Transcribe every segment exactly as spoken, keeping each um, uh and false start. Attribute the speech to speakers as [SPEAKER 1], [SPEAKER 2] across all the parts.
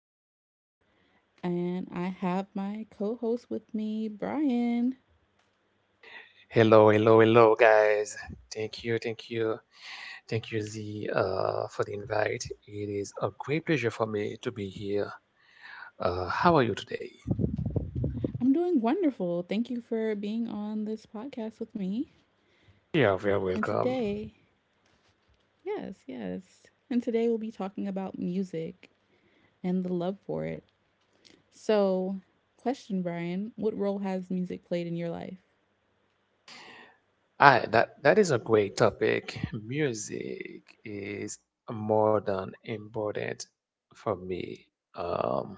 [SPEAKER 1] episode, and I have my co host with me, Brian.
[SPEAKER 2] Hello, hello, hello, guys. Thank you, thank you, thank you, Z, uh, for the invite. It is a great pleasure for me to be here. Uh, how are you today?
[SPEAKER 1] I'm doing wonderful. Thank you for being on this podcast with me.
[SPEAKER 2] Yeah, very
[SPEAKER 1] And
[SPEAKER 2] welcome.
[SPEAKER 1] today, yes, yes. And today we'll be talking about music and the love for it. So, question, Brian, what role has music played in your life?
[SPEAKER 2] Ah, that that is a great topic. Music is more than important for me. Um,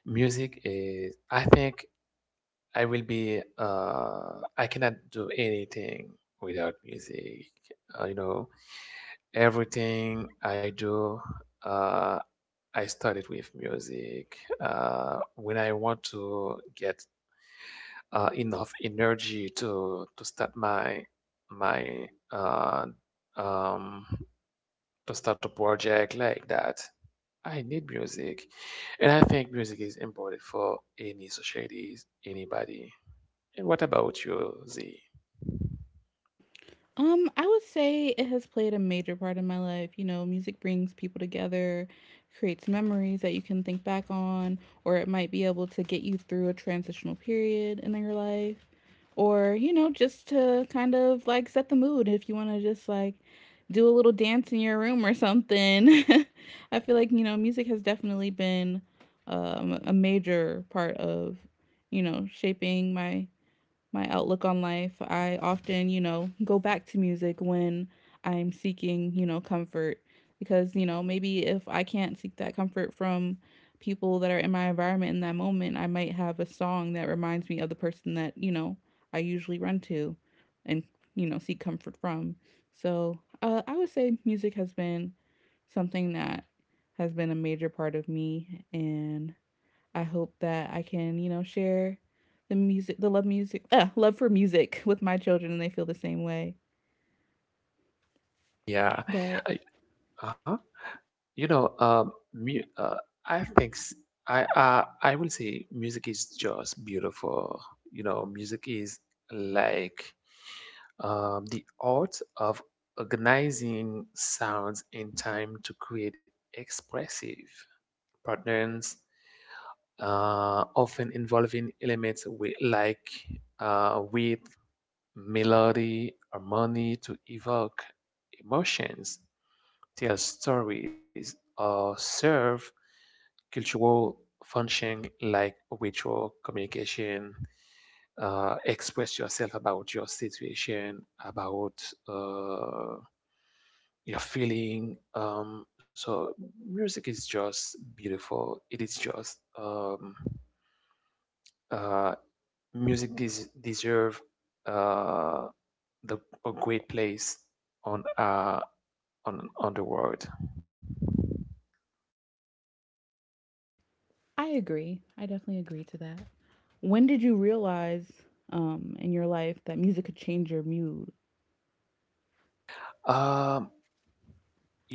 [SPEAKER 2] music is. I think I will be. Uh, I cannot do anything without music. Uh, you know, everything I do, uh, I started with music. Uh, when I want to get uh, enough energy to to start my my uh, um, to start a project like that, I need music, and I think music is important for any societies, anybody. And what about you, Z?
[SPEAKER 1] Um, I would say it has played a major part in my life. You know, music brings people together, creates memories that you can think back on, or it might be able to get you through a transitional period in your life, or, you know, just to kind of like set the mood if you want to just like do a little dance in your room or something. I feel like, you know, music has definitely been, um, a major part of, you know, shaping my my outlook on life. I often, you know, go back to music when I'm seeking, you know, comfort because, you know, maybe if I can't seek that comfort from people that are in my environment in that moment, I might have a song that reminds me of the person that, you know, I usually run to and, you know, seek comfort from. So, uh, I would say music has been something that has been a major part of me, and I hope that I can, you know, share the music, the love music, uh, love for music with my children and they feel the same way.
[SPEAKER 2] Yeah,
[SPEAKER 1] But
[SPEAKER 2] I, uh-huh. You know, um, mu- uh, I think s- I uh, I will say music is just beautiful. You know, music is like um, the art of organizing sounds in time to create expressive patterns, uh, often involving elements with, like uh, with melody, harmony to evoke emotions. Their stories uh, serve cultural function like ritual communication, uh, express yourself about your situation, about uh, your feeling. Um, so music is just beautiful. It is just um, uh, music des- deserve uh, the a great place on uh, on on the world.
[SPEAKER 1] I agree. I definitely agree to that. When did you realize, um, in your life that music could change your mood?
[SPEAKER 2] Um,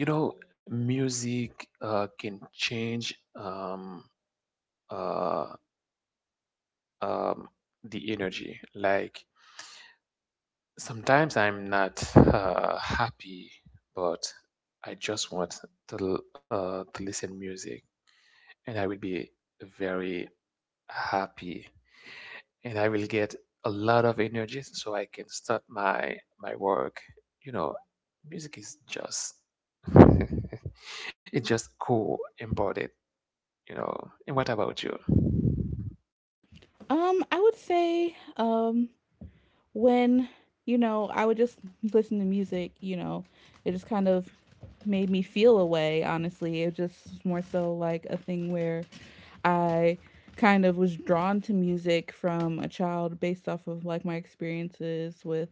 [SPEAKER 2] you know, music uh, can change um, uh, um, the energy. Like, sometimes I'm not uh, happy, but I just want to, l- uh, to listen music, and I will be very happy, and I will get a lot of energy so I can start my my work. You know, music is just it's just cool important, you know. And what about you?
[SPEAKER 1] Um I would say, um when, you know, I would just listen to music. You know, it just kind of made me feel a way, honestly. It just more so like a thing where I kind of was drawn to music from a child based off of like my experiences with,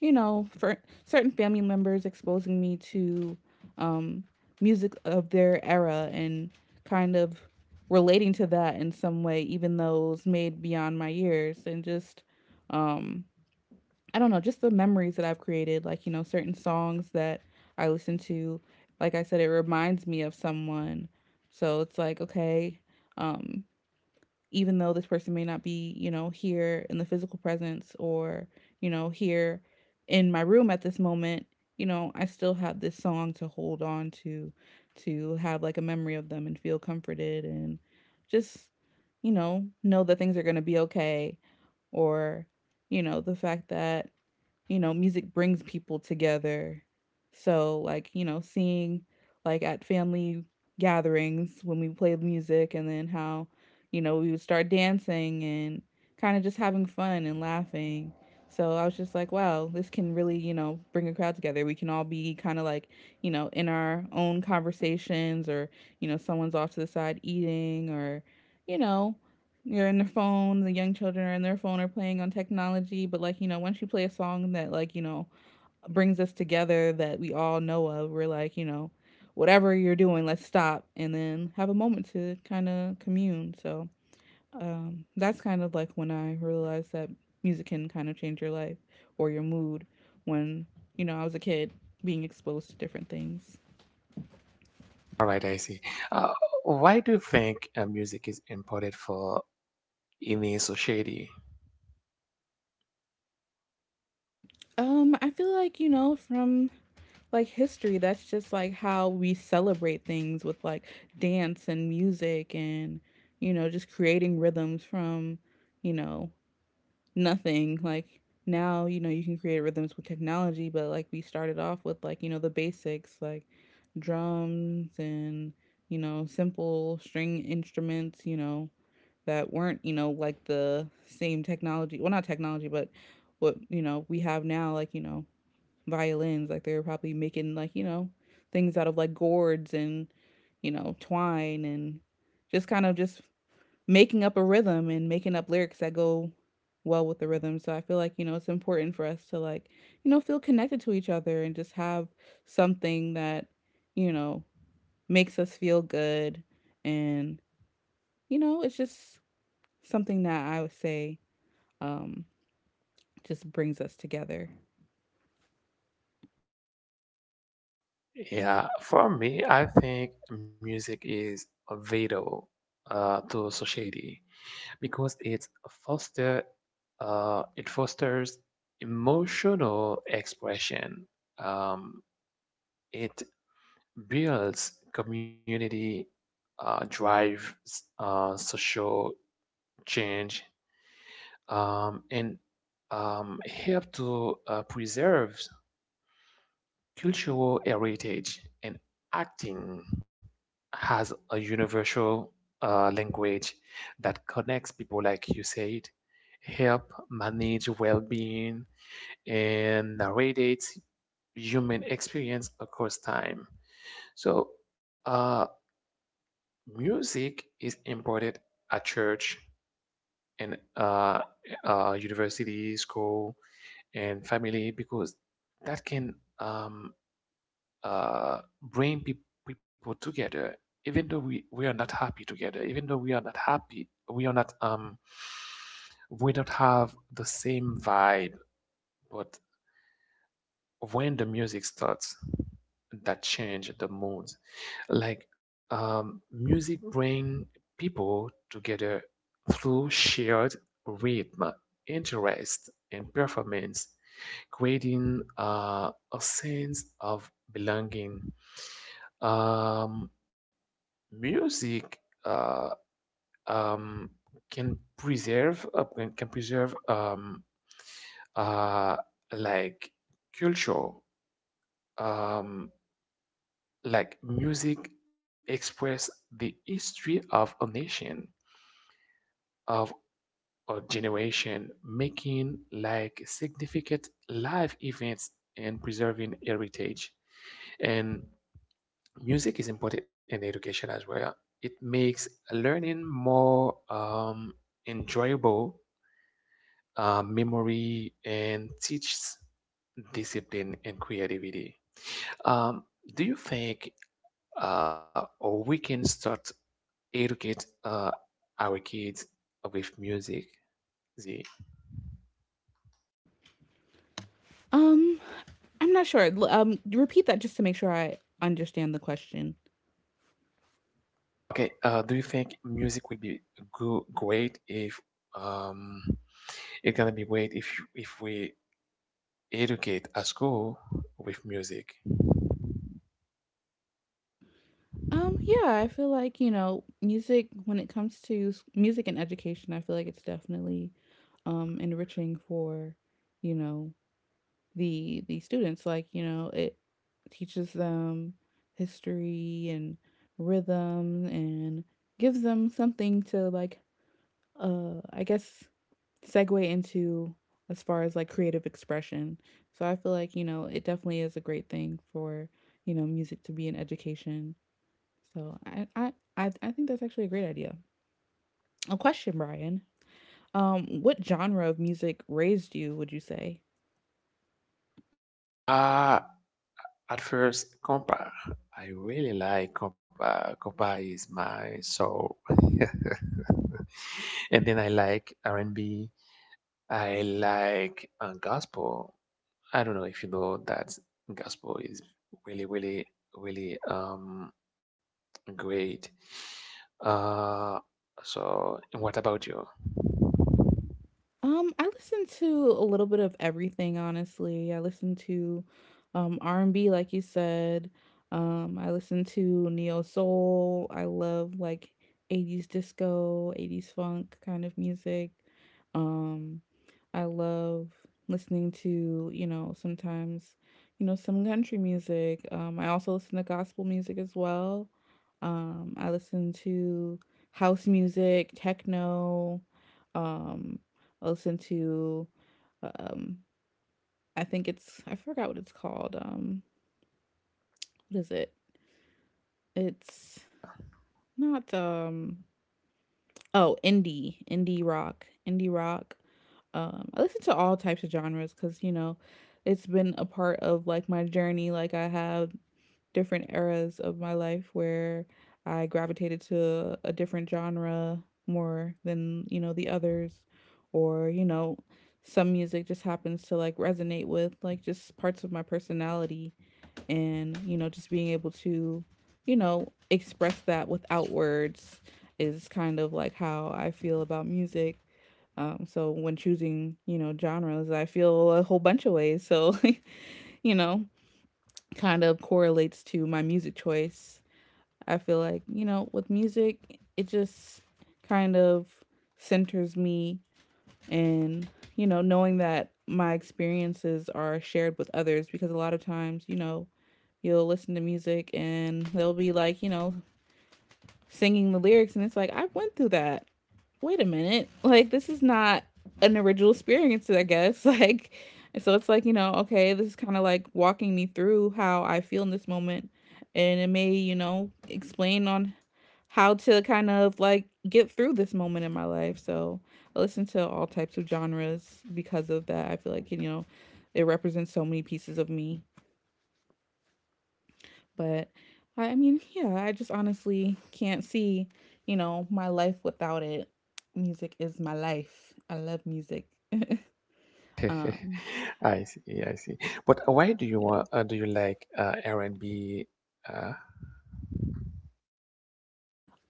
[SPEAKER 1] you know, for certain family members exposing me to, um, music of their era and kind of relating to that in some way, even though it was made beyond my years. And just, um I don't know, just the memories that I've created, like, you know, certain songs that I listen to. Like I said, it reminds me of someone. So it's like, okay, um, even though this person may not be, you know, here in the physical presence, or, you know, here in my room at this moment, you know, I still have this song to hold on to, to have like a memory of them and feel comforted and just, you know, know that things are going to be okay. Or, you know, the fact that, you know, music brings people together. So, like, you know, seeing like at family gatherings when we played music and then how, you know, we would start dancing and kind of just having fun and laughing. So I was just like, wow, this can really, you know, bring a crowd together. We can all be kind of like, you know, in our own conversations, or, you know, someone's off to the side eating, or, you know, you're in their phone, the young children are in their phone or playing on technology. But like, you know, once you play a song that, like, you know, brings us together that we all know of, we're like, you know, whatever you're doing, let's stop and then have a moment to kind of commune. So, um, that's kind of like when I realized that music can kind of change your life or your mood when, you know, I was a kid being exposed to different things.
[SPEAKER 2] All right, I see. Uh, why do you think uh, music is important for any society?
[SPEAKER 1] um I feel like, you know, from like history, that's just like how we celebrate things, with like dance and music. And, you know, just creating rhythms from, you know, nothing. Like, now, you know, you can create rhythms with technology, but like we started off with like, you know, the basics, like drums and, you know, simple string instruments, you know, that weren't, you know, like the same technology, well, not technology, but what, you know, we have now, like, you know, violins. Like they were probably making like, you know, things out of like gourds and, you know, twine and just kind of just making up a rhythm and making up lyrics that go well with the rhythm. So I feel like, you know, it's important for us to like, you know, feel connected to each other and just have something that, you know, makes us feel good. And, you know, it's just something that I would say, um just brings us together.
[SPEAKER 2] Yeah, for me, I think music is vital uh, to society, because it's foster uh, it fosters emotional expression. Um, it builds community, uh, drive, uh, social change, um, and um, help to uh, preserve cultural heritage, and acting has a universal uh, language that connects people, like you said, help manage well-being, and narrates human experience across time. So, uh, music is imported at church, and uh, uh, university, school, and family, because that can um, uh, bring peop people together. Even though we, we are not happy together, even though we are not happy, we are not um we don't have the same vibe, but when the music starts, that change the mood. Like, um, music bring people together through shared rhythm, interest, and performance, creating uh, a sense of belonging. Um, music uh, um, can preserve uh, can can preserve um, uh, like culture. Um, like music express the history of a nation of a generation, making like significant life events and preserving heritage. And music is important in education as well. It makes learning more um, enjoyable, uh, memory, and teaches discipline and creativity. Um, do you think uh, or we can start educate uh, our kids with music? Z?
[SPEAKER 1] Um I'm not sure. L- Um, repeat that just to make sure I understand the question.
[SPEAKER 2] Okay. Uh, do you think music will be go- great if um, it's gonna be great if if we educate at school with music.
[SPEAKER 1] Um, yeah, I feel like, you know, music, when it comes to s- music and education, I feel like it's definitely, um enriching for, you know, the the students. Like, you know, it teaches them history and rhythm and gives them something to like, uh I guess, segue into as far as like creative expression. So I feel like, you know, it definitely is a great thing for, you know, music to be in education. So I I I, I think that's actually a great idea. A question, Brian. Um what genre of music raised you, would you say?
[SPEAKER 2] Uh, at first, compa. I really like compa. Compa is my soul. And then I like R and B. I like uh, gospel. I don't know if you know that gospel is really, really, really um great. Uh, so, and what about you?
[SPEAKER 1] Um, I listen to a little bit of everything, honestly. I listen to, um R and B like you said. Um, I listen to neo soul. I love like eighties disco, eighties funk kind of music. Um I love listening to, you know, sometimes, you know, some country music. Um, I also listen to gospel music as well. Um, I listen to house music, techno. Um, I listen to, um, I think it's, I forgot what it's called. Um, what is it? It's not, um, oh, indie, indie rock, indie rock. Um, I listen to all types of genres because, you know, it's been a part of like my journey. Like I have different eras of my life where I gravitated to a different genre more than, you know, the others, or, you know, some music just happens to like resonate with like just parts of my personality. And, you know, just being able to, you know, express that without words is kind of like how I feel about music. um, so when choosing, you know, genres, I feel a whole bunch of ways. So you know, kind of correlates to my music choice. I feel like, you know, with music, it just kind of centers me. And, you know, knowing that my experiences are shared with others, because a lot of times, you know, you'll listen to music and they'll be like, you know, singing the lyrics and it's like, I went through that. Wait a minute. Like, this is not an original experience, I guess. Like, so it's like, you know, okay, this is kind of like walking me through how I feel in this moment, and it may, you know, explain on how to kind of like get through this moment in my life. So I listen to all types of genres because of that. I feel like, you know, it represents so many pieces of me. But I, I mean, yeah, I just honestly can't see, you know, my life without it. Music is my life. I love music. um,
[SPEAKER 2] I see, I see. But uh, why do you
[SPEAKER 1] yes.
[SPEAKER 2] want, uh, do you like uh, R and B? Uh,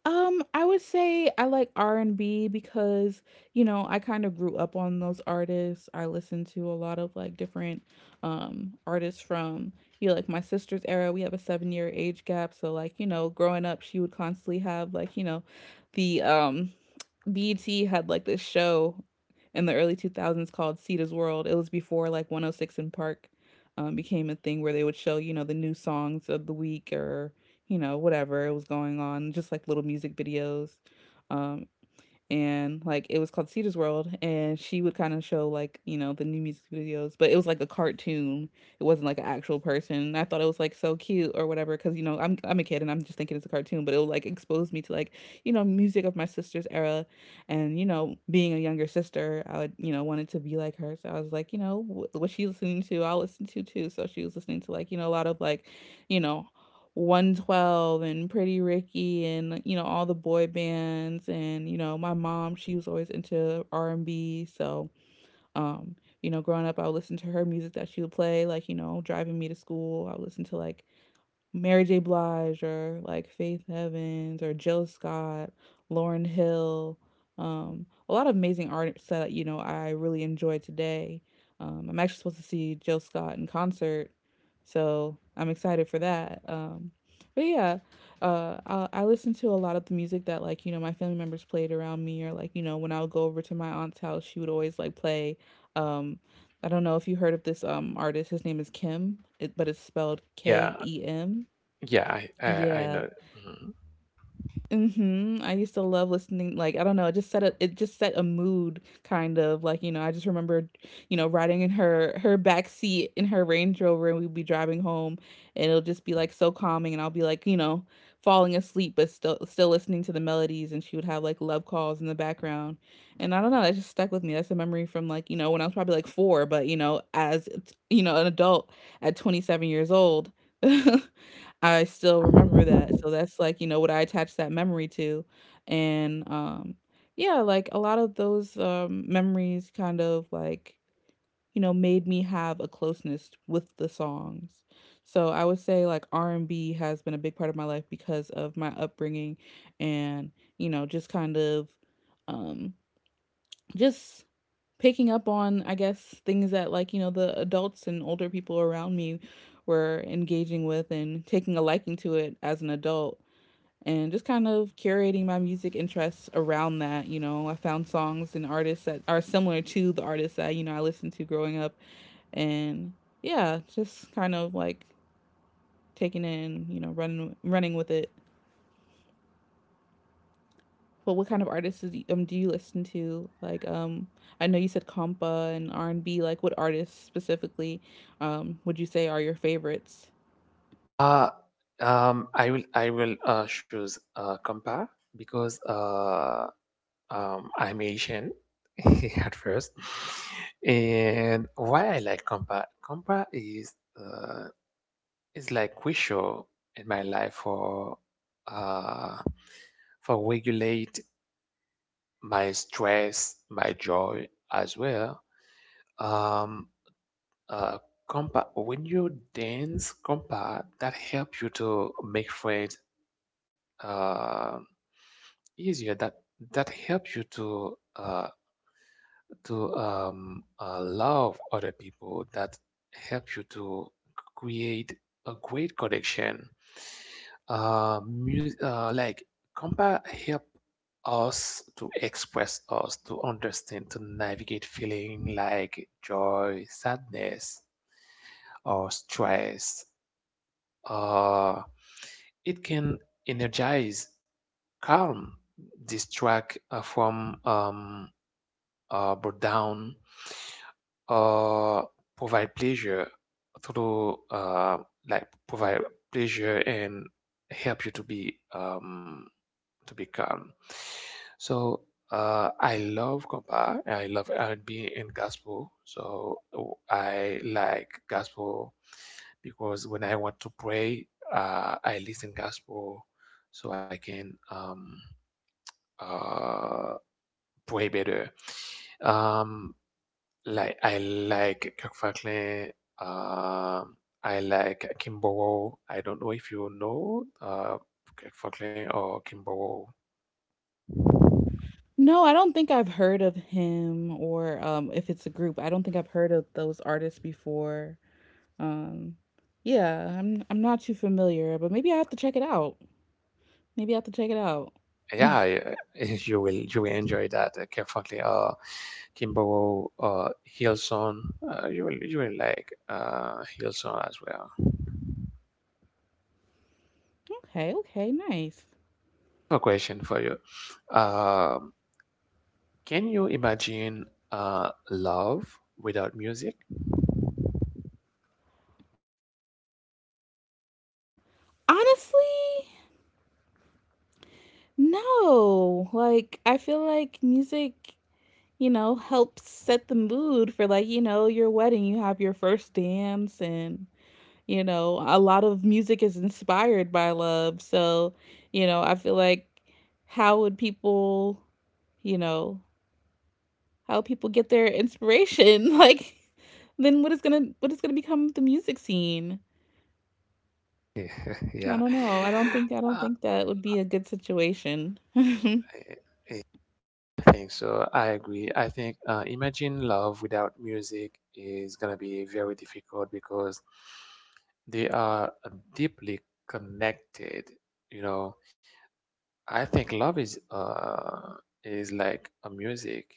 [SPEAKER 1] Um, I would say I like R and B because, you know, I kind of grew up on those artists. I listened to a lot of like different, um artists from, you know, like my sister's era. We have a seven year age gap, so like, you know, growing up, she would constantly have, like, you know, the, um B E T had like this show in the early two thousands called Cedar's World. It was before like one oh six in Park, um, became a thing where they would show, you know, the new songs of the week, or, you know, whatever was going on, just like little music videos. Um, and like it was called Cedar's World, and she would kind of show, like, you know, the new music videos, but it was like a cartoon. It wasn't like an actual person. And I thought it was like so cute or whatever, because, you know, I'm I'm a kid and I'm just thinking it's a cartoon, but it would like expose me to like, you know, music of my sister's era. And, you know, being a younger sister, I would, you know, wanted to be like her, so I was like, you know, what she's listening to, I'll listen to too. So she was listening to like you know a lot of like you know one twelve and Pretty Ricky and you know all the boy bands, and you know my mom, she was always into R and B. So um you know growing up, I would listen to her music that she would play like you know driving me to school. I would listen to like Mary J. Blige or like Faith Evans or Jill Scott, Lauren Hill, um, a lot of amazing artists that you know I really enjoy today. Um, I'm actually supposed to see Jill Scott in concert, so I'm excited for that. Um, but yeah, uh, I, I listen to a lot of the music that like you know my family members played around me, or like you know when I would go over to my aunt's house, she would always like play. Um, I don't know if you heard of this um artist. His name is Kim, it, but it's spelled K
[SPEAKER 2] yeah,
[SPEAKER 1] E M
[SPEAKER 2] yeah, I, I, I
[SPEAKER 1] Yeah.
[SPEAKER 2] know. Mhm.
[SPEAKER 1] Mhm. I used to love listening. Like, I don't know, it just set a it just set a mood. Kind of like, you know, I just remembered, you know, riding in her her back seat in her Range Rover, and we'd be driving home, and it'll just be like so calming, and I'll be like, you know, falling asleep, but still still listening to the melodies, and she would have like love calls in the background. And I don't know, that just stuck with me. That's a memory from like, you know, when I was probably like four, but you know, as you know, an adult at twenty-seven years old. I still remember that, so that's like, you know, what I attach that memory to. And, um, yeah, like a lot of those, um, memories kind of like, you know, made me have a closeness with the songs. So I would say, like, R and B has been a big part of my life because of my upbringing. And, you know, just kind of, um, just picking up on, I guess, things that like you know the adults and older people around me were engaging with, and taking a liking to it as an adult, and just kind of curating my music interests around that. you know I found songs and artists that are similar to the artists that you know I listened to growing up. And yeah, just kind of like taking in, you know running running with it. Well, what kind of artists is, um, do you listen to? Like, um, I know you said compa and R and B. Like, what artists specifically, um, would you say are your favorites?
[SPEAKER 2] Uh, um, I will, I will uh, choose uh, Kampa, because uh, um, I'm Asian at first. And why I like Kampa? Kampa is uh, is like crucial in my life for uh, for regulate my stress, my joy as well. Um, uh, compa, when you dance compa, that helps you to make friends uh, easier. That that helps you to uh, to um, uh, love other people, that help you to create a great connection. Uh, mu- uh, like compa help us to express us, to understand, to navigate feeling like joy, sadness, or stress. Uh, it can energize, calm, distract uh, from um, uh, boredom, uh, provide pleasure through uh, like provide pleasure and help you to be um, to be calm. So, uh, I love compa. I love R and B and B and gospel. So I like gospel because when I want to pray, uh, I listen gospel so I can um, uh, pray better. Um, like I like Kirk Franklin. Um, I like Kimball. I don't know if you know uh, Kirk Franklin or Kimball.
[SPEAKER 1] No, I don't think I've heard of him, or um, if it's a group. I don't think I've heard of those artists before. Um, yeah, I'm I'm not too familiar, but maybe I have to check it out. Maybe I have to check it out.
[SPEAKER 2] Yeah, I- you will, you will enjoy that. Uh, Kirk Franklin, uh, Kimball, uh, Hilson. Uh, you will, you will like uh, Hilson as well.
[SPEAKER 1] Okay, okay, nice.
[SPEAKER 2] A question for you. Um, can you imagine uh, love without music?
[SPEAKER 1] Honestly, no. Like, I feel like music, you know, help set the mood for like, you know, your wedding. You have your first dance, and, you know, a lot of music is inspired by love. So, you know, I feel like, how would people, you know, how would people get their inspiration? Like, then what is gonna what is gonna become of the music scene? I
[SPEAKER 2] Yeah.
[SPEAKER 1] don't know. I don't think I don't
[SPEAKER 2] Uh,
[SPEAKER 1] think that would be a good situation. I
[SPEAKER 2] think so. I agree. I think, uh, imagine love without music is gonna be very difficult, because they are uh, deeply connected. You know, I think love is uh is like a music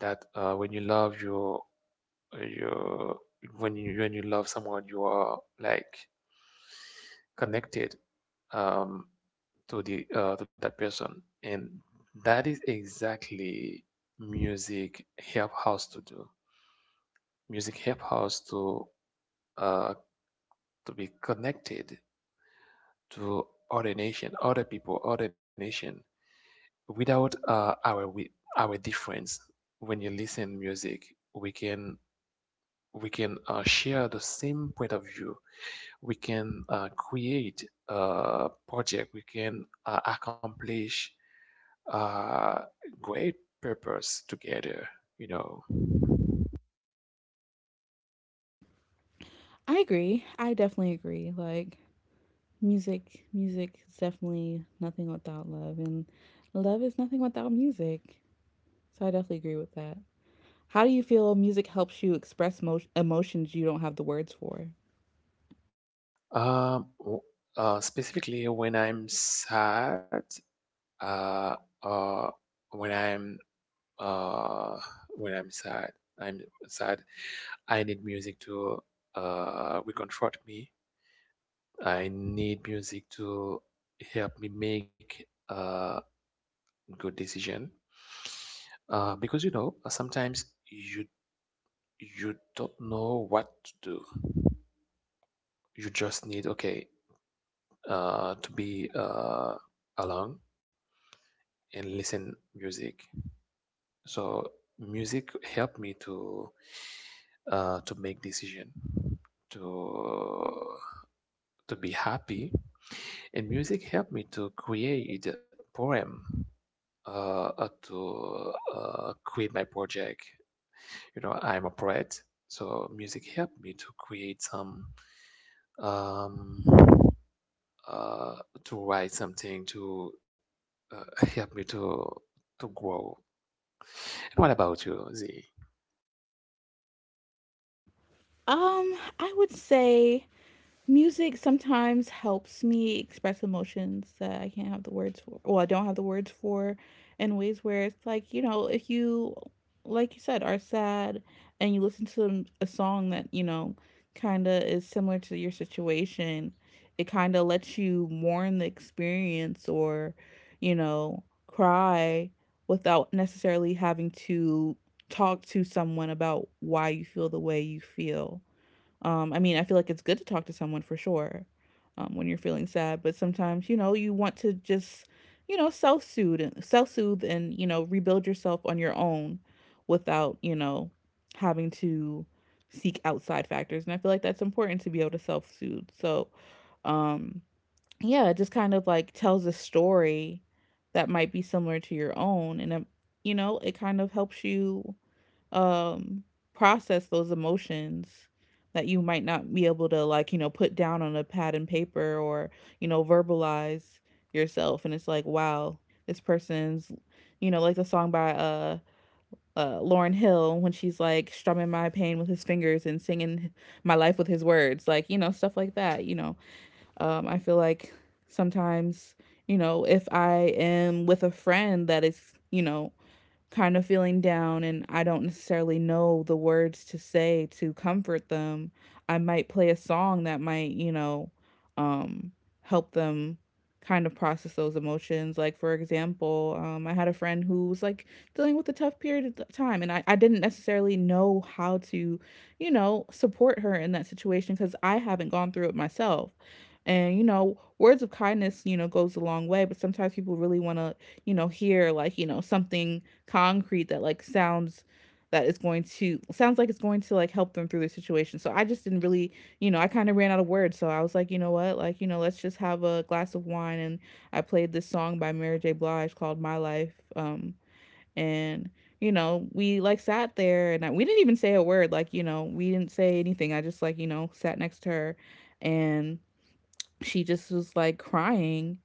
[SPEAKER 2] that uh when you love your your when you when you love someone, you are like connected um, to the uh, to that person. And that is exactly music help us to do, music help us to uh, to be connected to other nation, other people, other nation, without uh, our wi- our difference. When you listen music, we can, we can uh, share the same point of view, we can uh, create a project, we can uh, accomplish uh, great purpose together, you know.
[SPEAKER 1] agree. I definitely agree. Like, music, music is definitely nothing without love, and love is nothing without music. So I definitely agree with that. How do you feel music helps you express mo- emotions you don't have the words for?
[SPEAKER 2] um, w- uh, specifically when I'm sad, uh, uh, when i'm uh, when I'm sad, I'm sad, I need music to uh, reconfort me. I need music to help me make a good decision. Uh, because, you know, sometimes you, you don't know what to do. You just need okay uh, to be uh, alone and listen music. So music helped me to uh, to make decision, to to be happy, and music helped me to create a poem, uh, uh, to uh, quit my project. You know, I'm a poet, so music helped me to create some, um, uh, to write something to uh, help me to to grow. And what about you, Z?
[SPEAKER 1] Um, I would say music sometimes helps me express emotions that I can't have the words for. Well, I don't have the words for, in ways where it's like, you know, if you, like you said, are sad and you listen to m- a song that, you know, kind of is similar to your situation, it kind of lets you mourn the experience, or, you know, cry without necessarily having to talk to someone about why you feel the way you feel. Um, I mean, I feel like it's good to talk to someone for sure um, when you're feeling sad, but sometimes, you know, you want to just, you know, self soothe and self soothe and, you know, rebuild yourself on your own without, you know, having to seek outside factors. And I feel like that's important to be able to self soothe. So, um, yeah, it just kind of like tells a story that might be similar to your own. And it, you know, it kind of helps you um process those emotions that you might not be able to, like, you know put down on a pad and paper, or you know verbalize yourself. And it's like, wow, this person's, you know like the song by uh uh, Lauren Hill when she's like strumming my pain with his fingers and singing my life with his words, like you know stuff like that. You know, um, I feel like sometimes you know if I am with a friend that is, you know kind of feeling down, and I don't necessarily know the words to say to comfort them, I might play a song that might, you know, um, help them kind of process those emotions. Like, for example, um, I had a friend who was like dealing with a tough period of th- time, and I, I didn't necessarily know how to, you know, support her in that situation because I haven't gone through it myself. And, you know, words of kindness, you know, goes a long way, but sometimes people really want to, you know, hear like, you know, something concrete that like sounds that is going to sounds like it's going to like help them through their situation. So I just didn't really, you know, I kind of ran out of words. So I was like, you know what, like you know, let's just have a glass of wine. And I played this song by Mary J. Blige called "My Life." Um, and you know, we like sat there, and I, we didn't even say a word. Like you know, we didn't say anything. I just like you know sat next to her, and she just was like crying,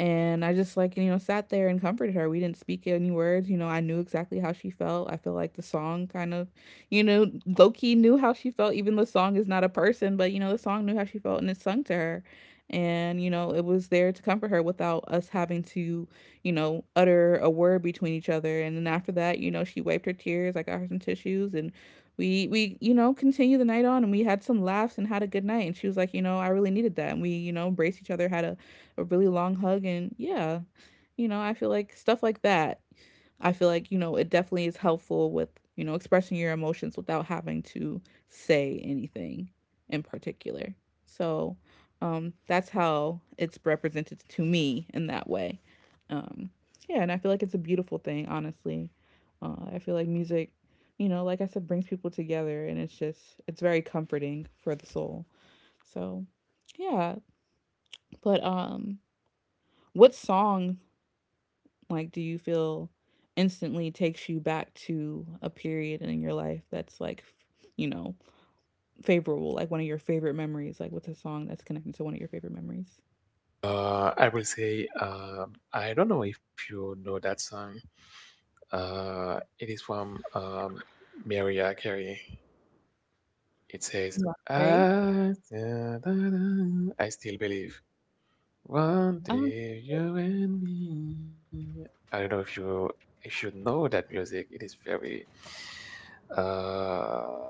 [SPEAKER 1] and I just like, you know, sat there and comforted her. We didn't speak any words. You know, I knew exactly how she felt. I feel like the song kind of, you know, low key knew how she felt. Even the song is not a person, but, you know, the song knew how she felt, and it sung to her. And, you know, it was there to comfort her without us having to, you know, utter a word between each other. And then after that, you know, she wiped her tears. I got her some tissues, and we, we, you know, continued the night on, and we had some laughs and had a good night. And she was like, you know, I really needed that. And we, you know, embraced each other, had a a really long hug. And yeah, you know I feel like stuff like that, I feel like you know it definitely is helpful with you know expressing your emotions without having to say anything in particular. So um that's how it's represented to me in that way. um yeah, and I feel like it's a beautiful thing, honestly. uh, I feel like music, you know like I said, brings people together, and it's just, it's very comforting for the soul. So yeah. But um what song, like, do you feel instantly takes you back to a period in your life that's like, f- you know, favorable, like one of your favorite memories? Like, what's a song that's connected to one of your favorite memories?
[SPEAKER 2] Uh, I will say, um, I don't know if you know that song. Uh, it is from um, Mariah Carey. It says,
[SPEAKER 1] Yeah. Right?
[SPEAKER 2] I, I still believe. One day you and me. I don't know if you if you know that music. It is very uh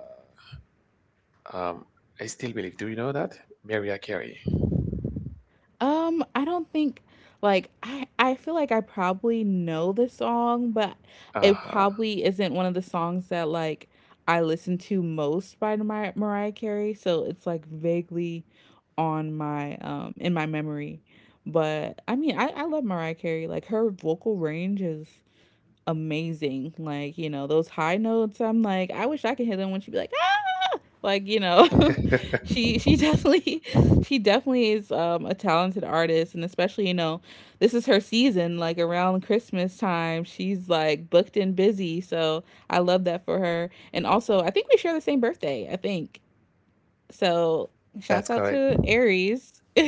[SPEAKER 2] um I still believe. Do you know that? Mariah Carey.
[SPEAKER 1] Um, I don't think, like, I I feel like I probably know the song, but it
[SPEAKER 2] Uh-huh.
[SPEAKER 1] probably isn't one of the songs that, like, I listen to most by Mar- Mariah Carey, so it's like vaguely on my um in my memory. But I mean, I I love Mariah Carey. Like, her vocal range is amazing. Like, you know, those high notes, I'm like, I wish I could hit them when she'd be like, "Ah!" Like you know she she definitely, she definitely is um a talented artist. And especially, you know this is her season, like around Christmas time, she's like booked and busy, so I love that for her. And also, I think we share the same birthday, I think. So shouts
[SPEAKER 2] That's
[SPEAKER 1] out
[SPEAKER 2] correct.
[SPEAKER 1] to Aries.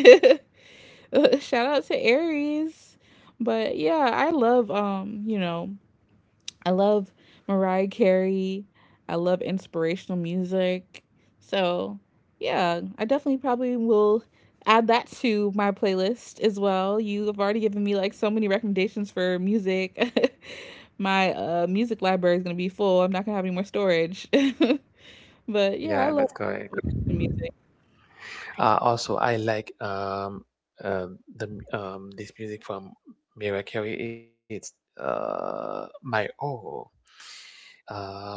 [SPEAKER 1] Shout out to Aries. But yeah, I love, um you know I love Mariah Carey. I love inspirational music. So, yeah, I definitely probably will add that to my playlist as well. You have already given me like so many recommendations for music. My uh, music library is going to be full. I'm not going to have any more storage. But yeah, I
[SPEAKER 2] Yeah,
[SPEAKER 1] love
[SPEAKER 2] that's correct.
[SPEAKER 1] music.
[SPEAKER 2] Uh, also, I like um um the m- um this music from Mariah Carey. It's uh My Oh. Um,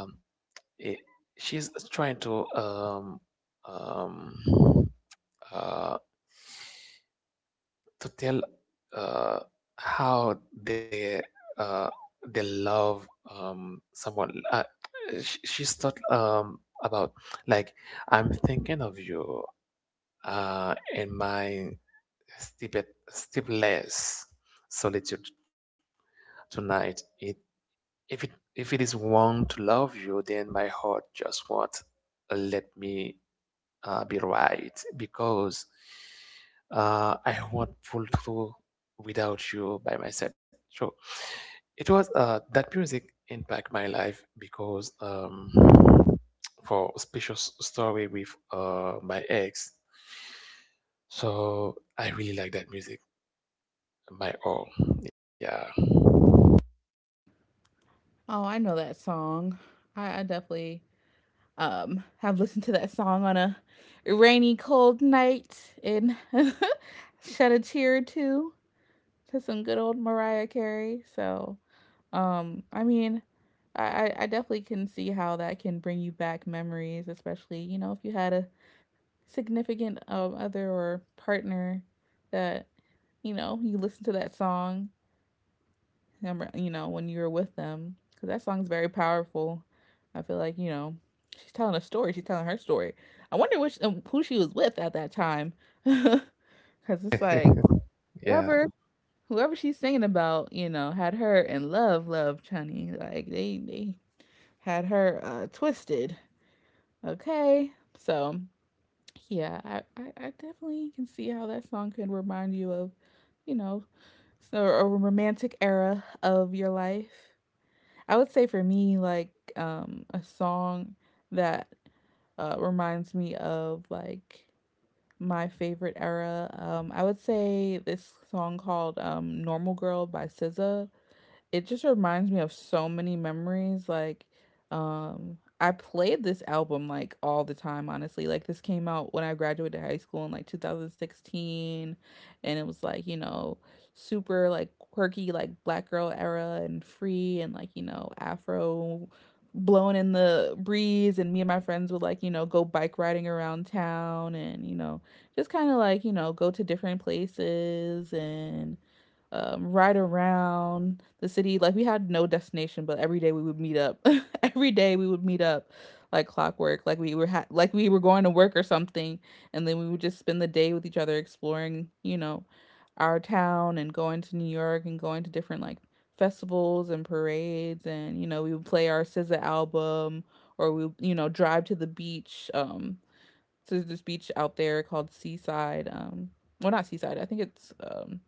[SPEAKER 2] it, she's trying to um um. uh, to tell uh, how they uh, they love um, someone. Uh, sh- she's thought um, about like, I'm thinking of you uh, in my stupid, sleepless solitude tonight. It, if it, if it is wrong to love you, then my heart just won't let me uh, be right, because uh, I won't pull through without you by myself. So it was, uh, that music impact my life because, um, for special s- story with uh, my ex. So I really like that music. My all, yeah,
[SPEAKER 1] Oh, I know that song. I, I definitely um have listened to that song on a rainy cold night and shed a tear or two to some good old Mariah Carey. So um i mean i i I definitely can see how that can bring you back memories, especially, you know, if you had a significant, um, other or partner that, you know, you listen to that song, um, you know, when you were with them. Because that song's very powerful. I feel like, you know, she's telling a story. She's telling her story. I wonder which, um, who she was with at that time. Because it's like, whoever.
[SPEAKER 2] yeah,
[SPEAKER 1] Whoever she's singing about, you know, had her in love, love, Chunny. Like they, they had her uh, twisted. Okay, so yeah, I, I, I definitely can see how that song could remind you of, you know, so a romantic era of your life. I would say for me, like, um, a song that, uh, reminds me of like my favorite era. Um, I would say this song called, um, "Normal Girl" by S Z A. It just reminds me of so many memories. Like, um I played this album like all the time, honestly. Like this came out when I graduated high school in like two thousand sixteen, and it was like, you know, super like quirky, like black girl era and free, and like, you know, afro blowing in the breeze, and me and my friends would like, you know, go bike riding around town, and you know, just kind of like, you know, go to different places and, um, ride around the city. Like we had no destination, but every day we would meet up. Every day we would meet up like clockwork. Like we were ha- like we were going to work or something, and then we would just spend the day with each other exploring, you know, our town and going to New York and going to different like festivals and parades, and you know, we would play our S Z A album, or we would, you know, drive to the beach. Um so there's this beach out there called Seaside. Um well not Seaside, I think it's, um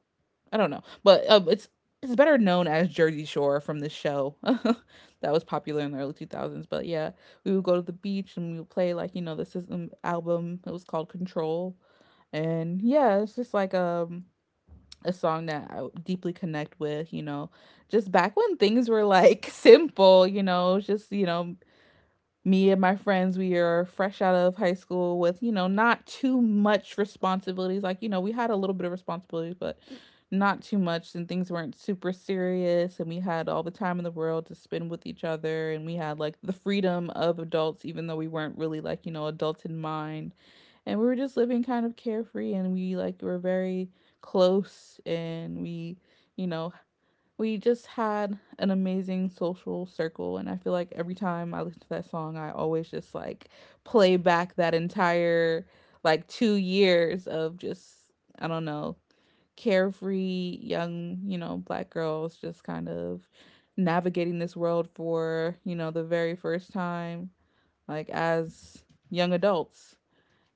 [SPEAKER 1] I don't know, but, um, it's it's better known as Jersey Shore from the show that was popular in the early two thousands. But yeah, we would go to the beach and we would play, like, you know, the System album. It was called Control, and yeah, it's just like, um a song that I deeply connect with. You know, just back when things were like simple. You know, just, you know, me and my friends, we are fresh out of high school with, you know, not too much responsibilities. Like, you know, we had a little bit of responsibilities, but not too much. And things weren't super serious. And we had all the time in the world to spend with each other. And we had like the freedom of adults, even though we weren't really like, you know, adults in mind. And we were just living kind of carefree. And we like were very close, and we, you know, we just had an amazing social circle, and I feel like every time I listen to that song, I always just like play back that entire like two years of just, I don't know, carefree young, you know, black girls just kind of navigating this world for, you know, the very first time, like as young adults.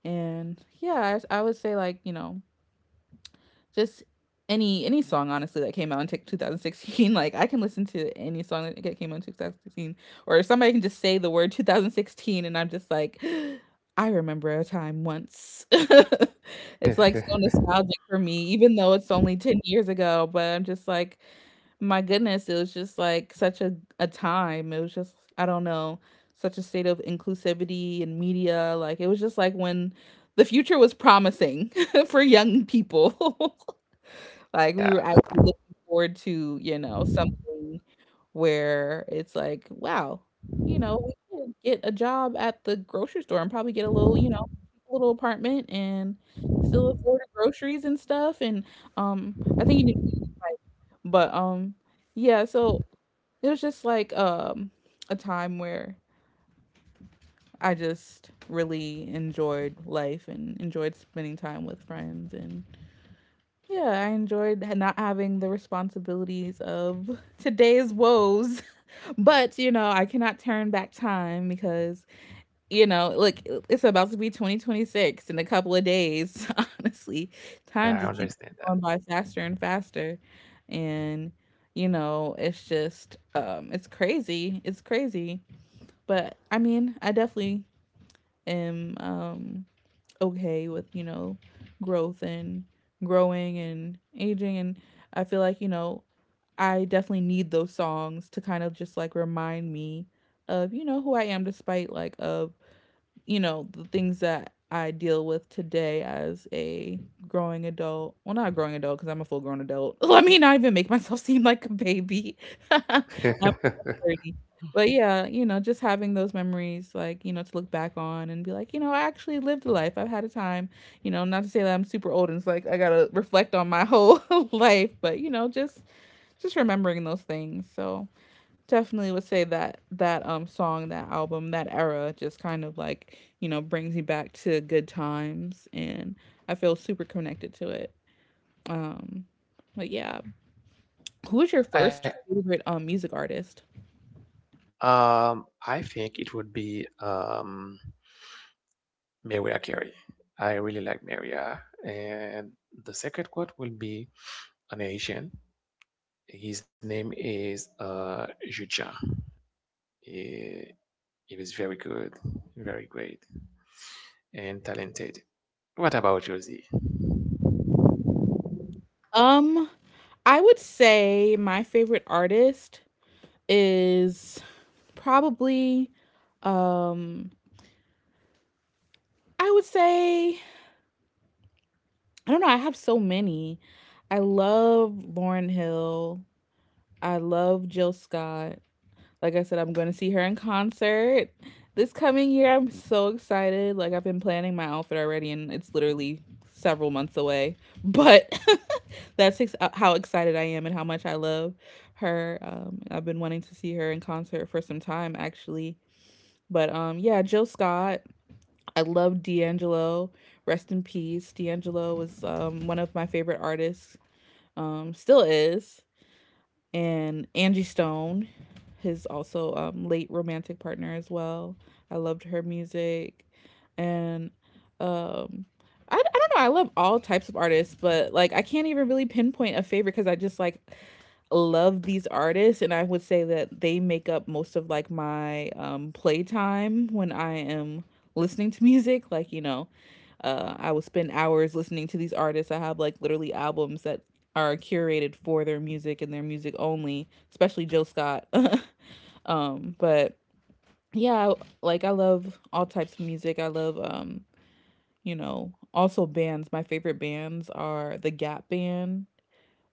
[SPEAKER 1] And yeah, I, I would say, like, you know, just any any song, honestly, that came out in twenty sixteen. Like I can listen to any song that came out in two thousand sixteen, or somebody can just say the word two thousand sixteen, and I'm just like, I remember a time once. It's like so nostalgic for me, even though it's only ten years ago, but I'm just like, my goodness, it was just like such a, a time. It was just, I don't know, such a state of inclusivity and media. Like it was just like when the future was promising for young people. Like, we were
[SPEAKER 2] yeah.
[SPEAKER 1] actually looking forward to, you know, something where it's like, "Wow, you know, we could get a job at the grocery store and probably get a little, you know, little apartment and still afford the groceries and stuff," and, um, I think you need to be like, but, um, yeah, so it was just like, um, a time where I just really enjoyed life and enjoyed spending time with friends, and yeah, I enjoyed not having the responsibilities of today's woes. But, you know, I cannot turn back time, because, you know, like it's about to be twenty twenty-six in a couple of days. Honestly, time
[SPEAKER 2] Yeah,
[SPEAKER 1] just
[SPEAKER 2] I
[SPEAKER 1] keeps
[SPEAKER 2] understand
[SPEAKER 1] on going
[SPEAKER 2] that.
[SPEAKER 1] by faster and faster. And, you know, it's just, um, it's crazy. It's crazy. But I mean, I definitely am, um, okay with, you know, growth and growing and aging, and I feel like, you know, I definitely need those songs to kind of just like remind me of, you know, who I am, despite like of, you know, the things that I deal with today as a growing adult. Well, not a growing adult, because I'm a full grown adult. Let me not even make myself seem like a baby. I'm thirty. But yeah, you know, just having those memories, like, you know, to look back on and be like, you know, I actually lived a life. I've had a time, you know, not to say that I'm super old and it's like I gotta reflect on my whole life, but you know, just just remembering those things. So definitely would say that that um song, that album, that era just kind of like, you know, brings me back to good times, and I feel super connected to it. Um but yeah. Who was your
[SPEAKER 2] I
[SPEAKER 1] first favorite, um music artist?
[SPEAKER 2] um I think it would be um Mariah Carey. I really like Maria. And the second quote will be an Asian. His name is uh Jucha. He, he was very good, very great, and talented. What about Josie?
[SPEAKER 1] Um, I would say my favorite artist is probably, um I would say, I don't know, I have so many. I love Lauren Hill. I love Jill Scott. Like I said, I'm going to see her in concert this coming year. I'm so excited. Like I've been planning my outfit already, and it's literally several months away. But that's ex- uh, how excited I am and how much I love her. Um, I've been wanting to see her in concert for some time, actually. But, um, yeah, Jill Scott. I love D'Angelo. Rest in peace. D'Angelo was, um, one of my favorite artists, um, still is. And Angie Stone, his also, um, late romantic partner as well. I loved her music. And, um, I, I don't know. I love all types of artists, but like I can't even really pinpoint a favorite, because I just like love these artists, and I would say that they make up most of like my um playtime when I am listening to music. Like, you know, uh I will spend hours listening to these artists. I have like literally albums that are curated for their music and their music only, especially Jill Scott. Um but yeah, like I love all types of music. I love, um you know, also bands. My favorite bands are the Gap Band,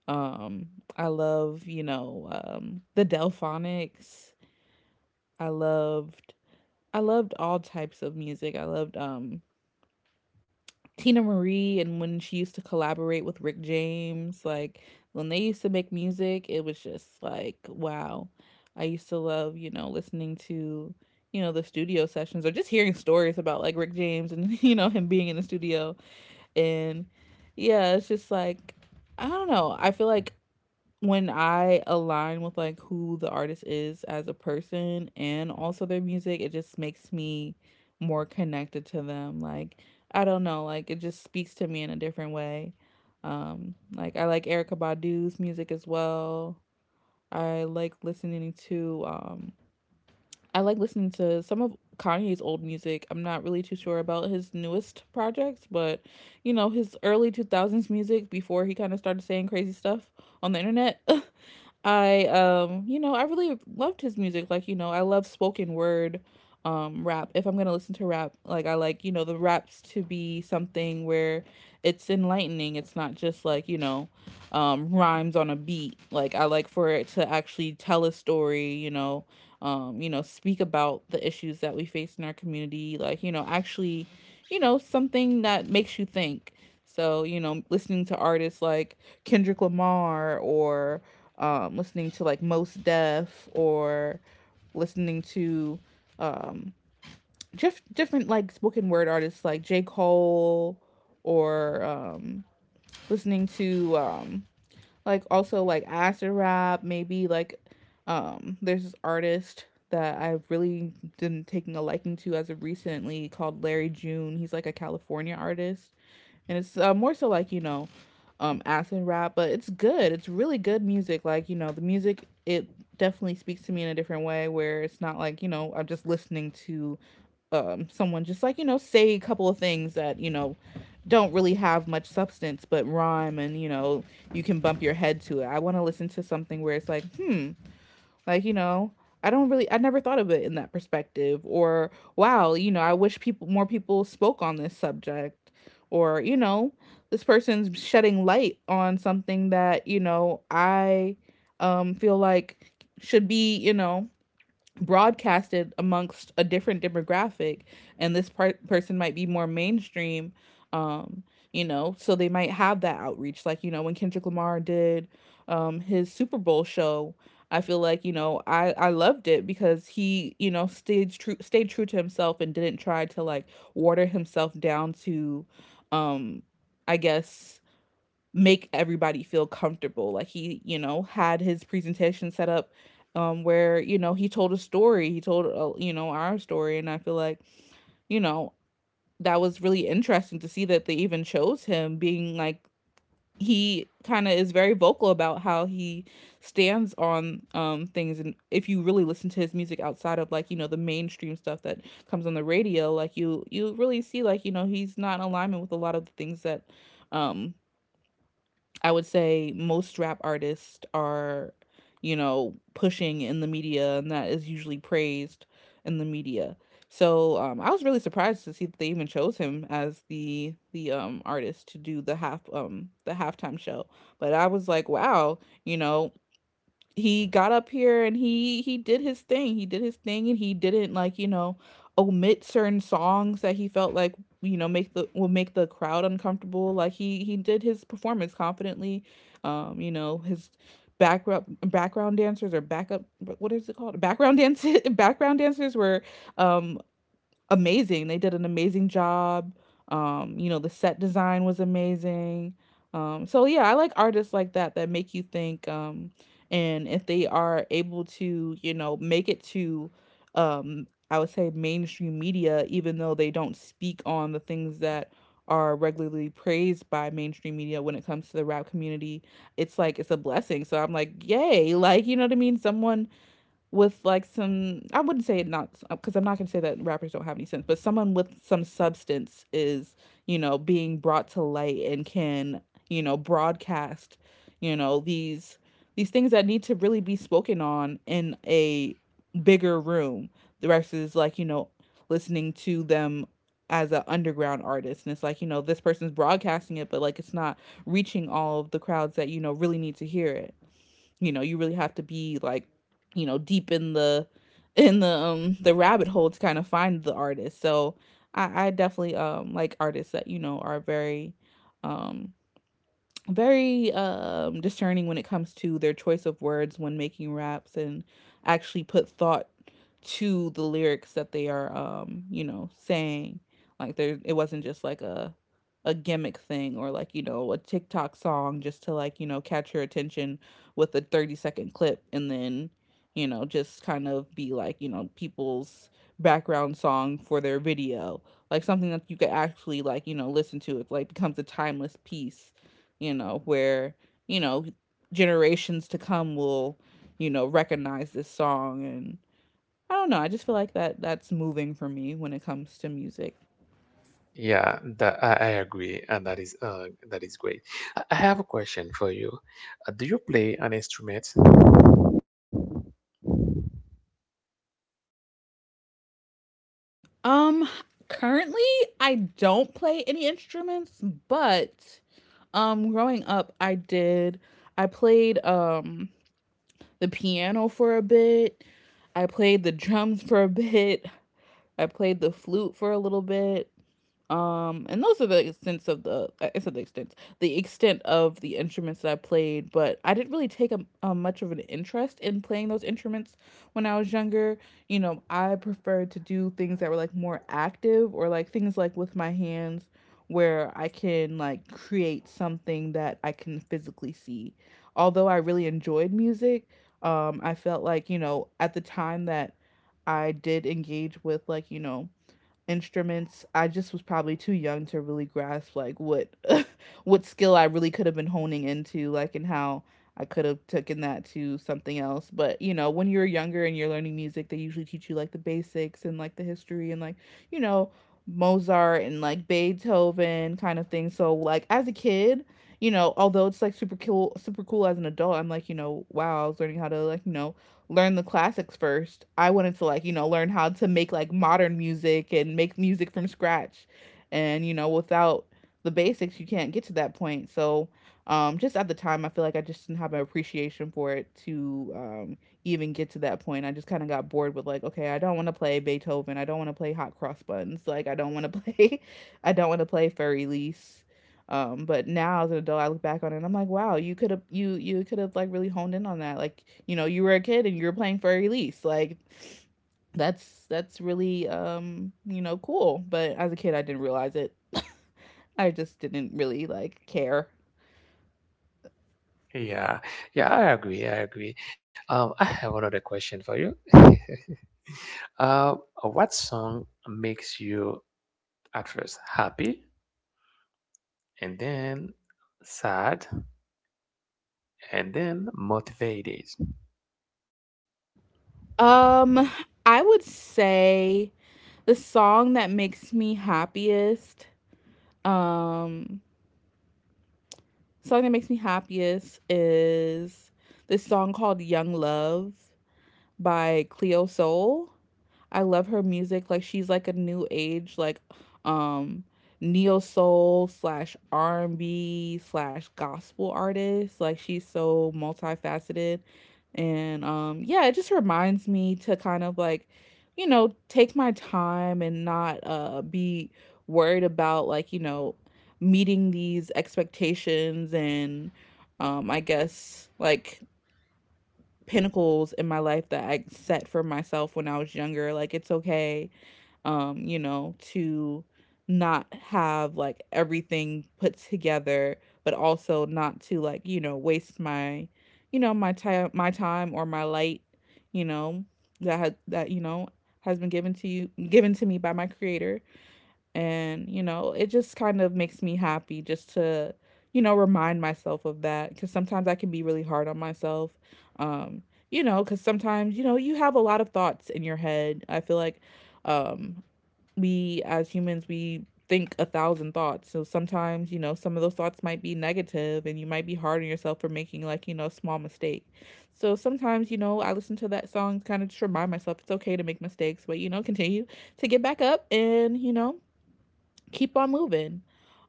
[SPEAKER 1] um, I love, you know, um, the Delphonics. I loved, I loved all types of music. I loved, um, Tina Marie, and when she used to collaborate with Rick James. Like when they used to make music, it was just like, wow. I used to love, you know, listening to, you know, the studio sessions, or just hearing stories about like Rick James and you know, him being in the studio, and yeah, it's just like, I don't know. I feel like when I align with like who the artist is as a person and also their music, it just makes me more connected to them. Like I don't know, like it just speaks to me in a different way. Um, like I like Erica Badu's music as well. I like listening to um I like listening to some of Kanye's old music. I'm not really too sure about his newest projects, but you know, his early two thousands music before he kind of started saying crazy stuff on the internet. I, um, you know, I really loved his music. Like, you know, I love spoken word um rap. If I'm going to listen to rap, like I like, you know, the raps to be something where it's enlightening. It's not just like, you know, um rhymes on a beat. Like I like for it to actually tell a story. You know, um, you know, speak about the issues that we face in our community, like, you know, actually, you know, something that makes you think. So, you know, listening to artists like Kendrick Lamar, or, um, listening to like Most Def, or listening to just different like spoken word artists like J. Cole or um, listening to um, like also like acid rap maybe like um there's this artist that I've really been taking a liking to as of recently called Larry June. He's like a California artist, and it's uh, more so like, you know, um acid rap, but it's good. It's really good music. Like, you know, the music, it definitely speaks to me in a different way where it's not like, you know, I'm just listening to um someone just like, you know, say a couple of things that, you know, don't really have much substance but rhyme, and you know, you can bump your head to it. I want to listen to something where it's like, hmm, like, you know, I don't really I never thought of it in that perspective, or wow, you know, I wish people more people spoke on this subject, or you know, this person's shedding light on something that, you know, I um feel like should be, you know, broadcasted amongst a different demographic. And this par- person might be more mainstream. um you know, so they might have that outreach, like, you know, when Kendrick Lamar did um his Super Bowl show, I feel like, you know, I I loved it because he, you know, stayed true stayed true to himself and didn't try to like water himself down to, um I guess, make everybody feel comfortable. Like he, you know, had his presentation set up um where, you know, he told a story. He told, uh, you know, our story, and I feel like, you know, that was really interesting to see that they even chose him, being like, he kind of is very vocal about how he stands on um things. And if you really listen to his music outside of like, you know, the mainstream stuff that comes on the radio, like you you really see, like, you know, he's not in alignment with a lot of the things that um I would say most rap artists are, you know, pushing in the media, and that is usually praised in the media. So um, I was really surprised to see that they even chose him as the the um, artist to do the half um, the halftime show. But I was like, wow, you know, he got up here and he he did his thing. He did his thing, and he didn't like, you know, omit certain songs that he felt like, you know, make the will make the crowd uncomfortable. Like he he did his performance confidently. Um, you know, his background background dancers, or backup, what is it called? Background dance, background dancers were um amazing. They did an amazing job. Um, you know, the set design was amazing. Um, so yeah, I like artists like that, that make you think. Um, and if they are able to, you know, make it to, um, I would say mainstream media, even though they don't speak on the things that are regularly praised by mainstream media when it comes to the rap community, it's like it's a blessing. So I'm like, yay! Like, you know what I mean? Someone with like some, I wouldn't say it, not because I'm not gonna say that rappers don't have any sense, but someone with some substance is, you know, being brought to light and can, you know, broadcast, you know, these these things that need to really be spoken on in a bigger room versus like, you know, listening to them as an underground artist, and it's like, you know, this person's broadcasting it, but like it's not reaching all of the crowds that, you know, really need to hear it. You know, you really have to be like, you know, deep in the in the um the rabbit hole to kind of find the artist. So i i definitely um like artists that, you know, are very um very um, discerning when it comes to their choice of words when making raps, and actually put thought to the lyrics that they are um, you know, saying. Like there, it wasn't just like a a gimmick thing, or like, you know, a TikTok song just to like, you know, catch your attention with a thirty second clip, and then, you know, just kind of be like, you know, people's background song for their video. Like something that you could actually like, you know, listen to, it like becomes a timeless piece, you know, where, you know, generations to come will, you know, recognize this song. And I don't know, I just feel like that that's moving for me when it comes to music.
[SPEAKER 2] Yeah, that I, I agree, and that is uh that is great. I I have a question for you. Uh, do you play an instrument?
[SPEAKER 1] Um Currently I don't play any instruments, but um growing up I did. I played um the piano for a bit. I played the drums for a bit. I played the flute for a little bit. Um, and those are the extents of the, I said the extent, the extent of the instruments that I played. But I didn't really take a, a much of an interest in playing those instruments when I was younger. You know, I preferred to do things that were like more active, or like things like with my hands where I can like create something that I can physically see. Although I really enjoyed music, um, I felt like, you know, at the time that I did engage with like, you know, instruments, I just was probably too young to really grasp like what what skill I really could have been honing into, like, and how I could have taken that to something else. But you know, when you're younger and you're learning music, they usually teach you like the basics and like the history, and like, you know, Mozart and like Beethoven kind of thing. So like as a kid, you know, although it's like super cool super cool, as an adult I'm like, you know, wow, I was learning how to like, you know, learn the classics first. I wanted to like, you know, learn how to make like modern music and make music from scratch. And, you know, without the basics, you can't get to that point. So, um, just at the time, I feel like I just didn't have an appreciation for it to um, even get to that point. I just kind of got bored with like, okay, I don't want to play Beethoven. I don't want to play Hot Cross Buns. Like, I don't want to play, I don't want to play Fur Elise. Um, but now as an adult, I look back on it and I'm like, wow, you could have, you you could have like really honed in on that. Like, you know, you were a kid and you were playing for a release. Like that's that's really um, you know, cool. But as a kid, I didn't realize it. I just didn't really like care.
[SPEAKER 2] Yeah, yeah, I agree, I agree. Um, I have another question for you. Uh, what song makes you at first happy and then sad and then motivated?
[SPEAKER 1] Um, I would say the song that makes me happiest, um, song that makes me happiest is this song called Young Love by Cleo Soul. I love her music. Like she's like a new age, like um neo soul slash R and B slash gospel artist. Like she's so multifaceted. And um yeah, it just reminds me to kind of like, you know, take my time and not uh be worried about like, you know, meeting these expectations and um I guess like pinnacles in my life that I set for myself when I was younger. Like it's okay, um, you know, to not have like everything put together, but also not to like, you know, waste my, you know, my time my time or my light, you know, that had, that, you know, has been given to you, given to me by my creator. And, you know, it just kind of makes me happy just to, you know, remind myself of that, because sometimes I can be really hard on myself. Um, you know, because sometimes, you know, you have a lot of thoughts in your head. I feel like um, we as humans, we think a thousand thoughts. So sometimes, you know, some of those thoughts might be negative, and you might be hard on yourself for making like, you know, a small mistake. So sometimes, you know, I listen to that song kind of just remind myself it's okay to make mistakes, but you know, continue to get back up and, you know, keep on moving.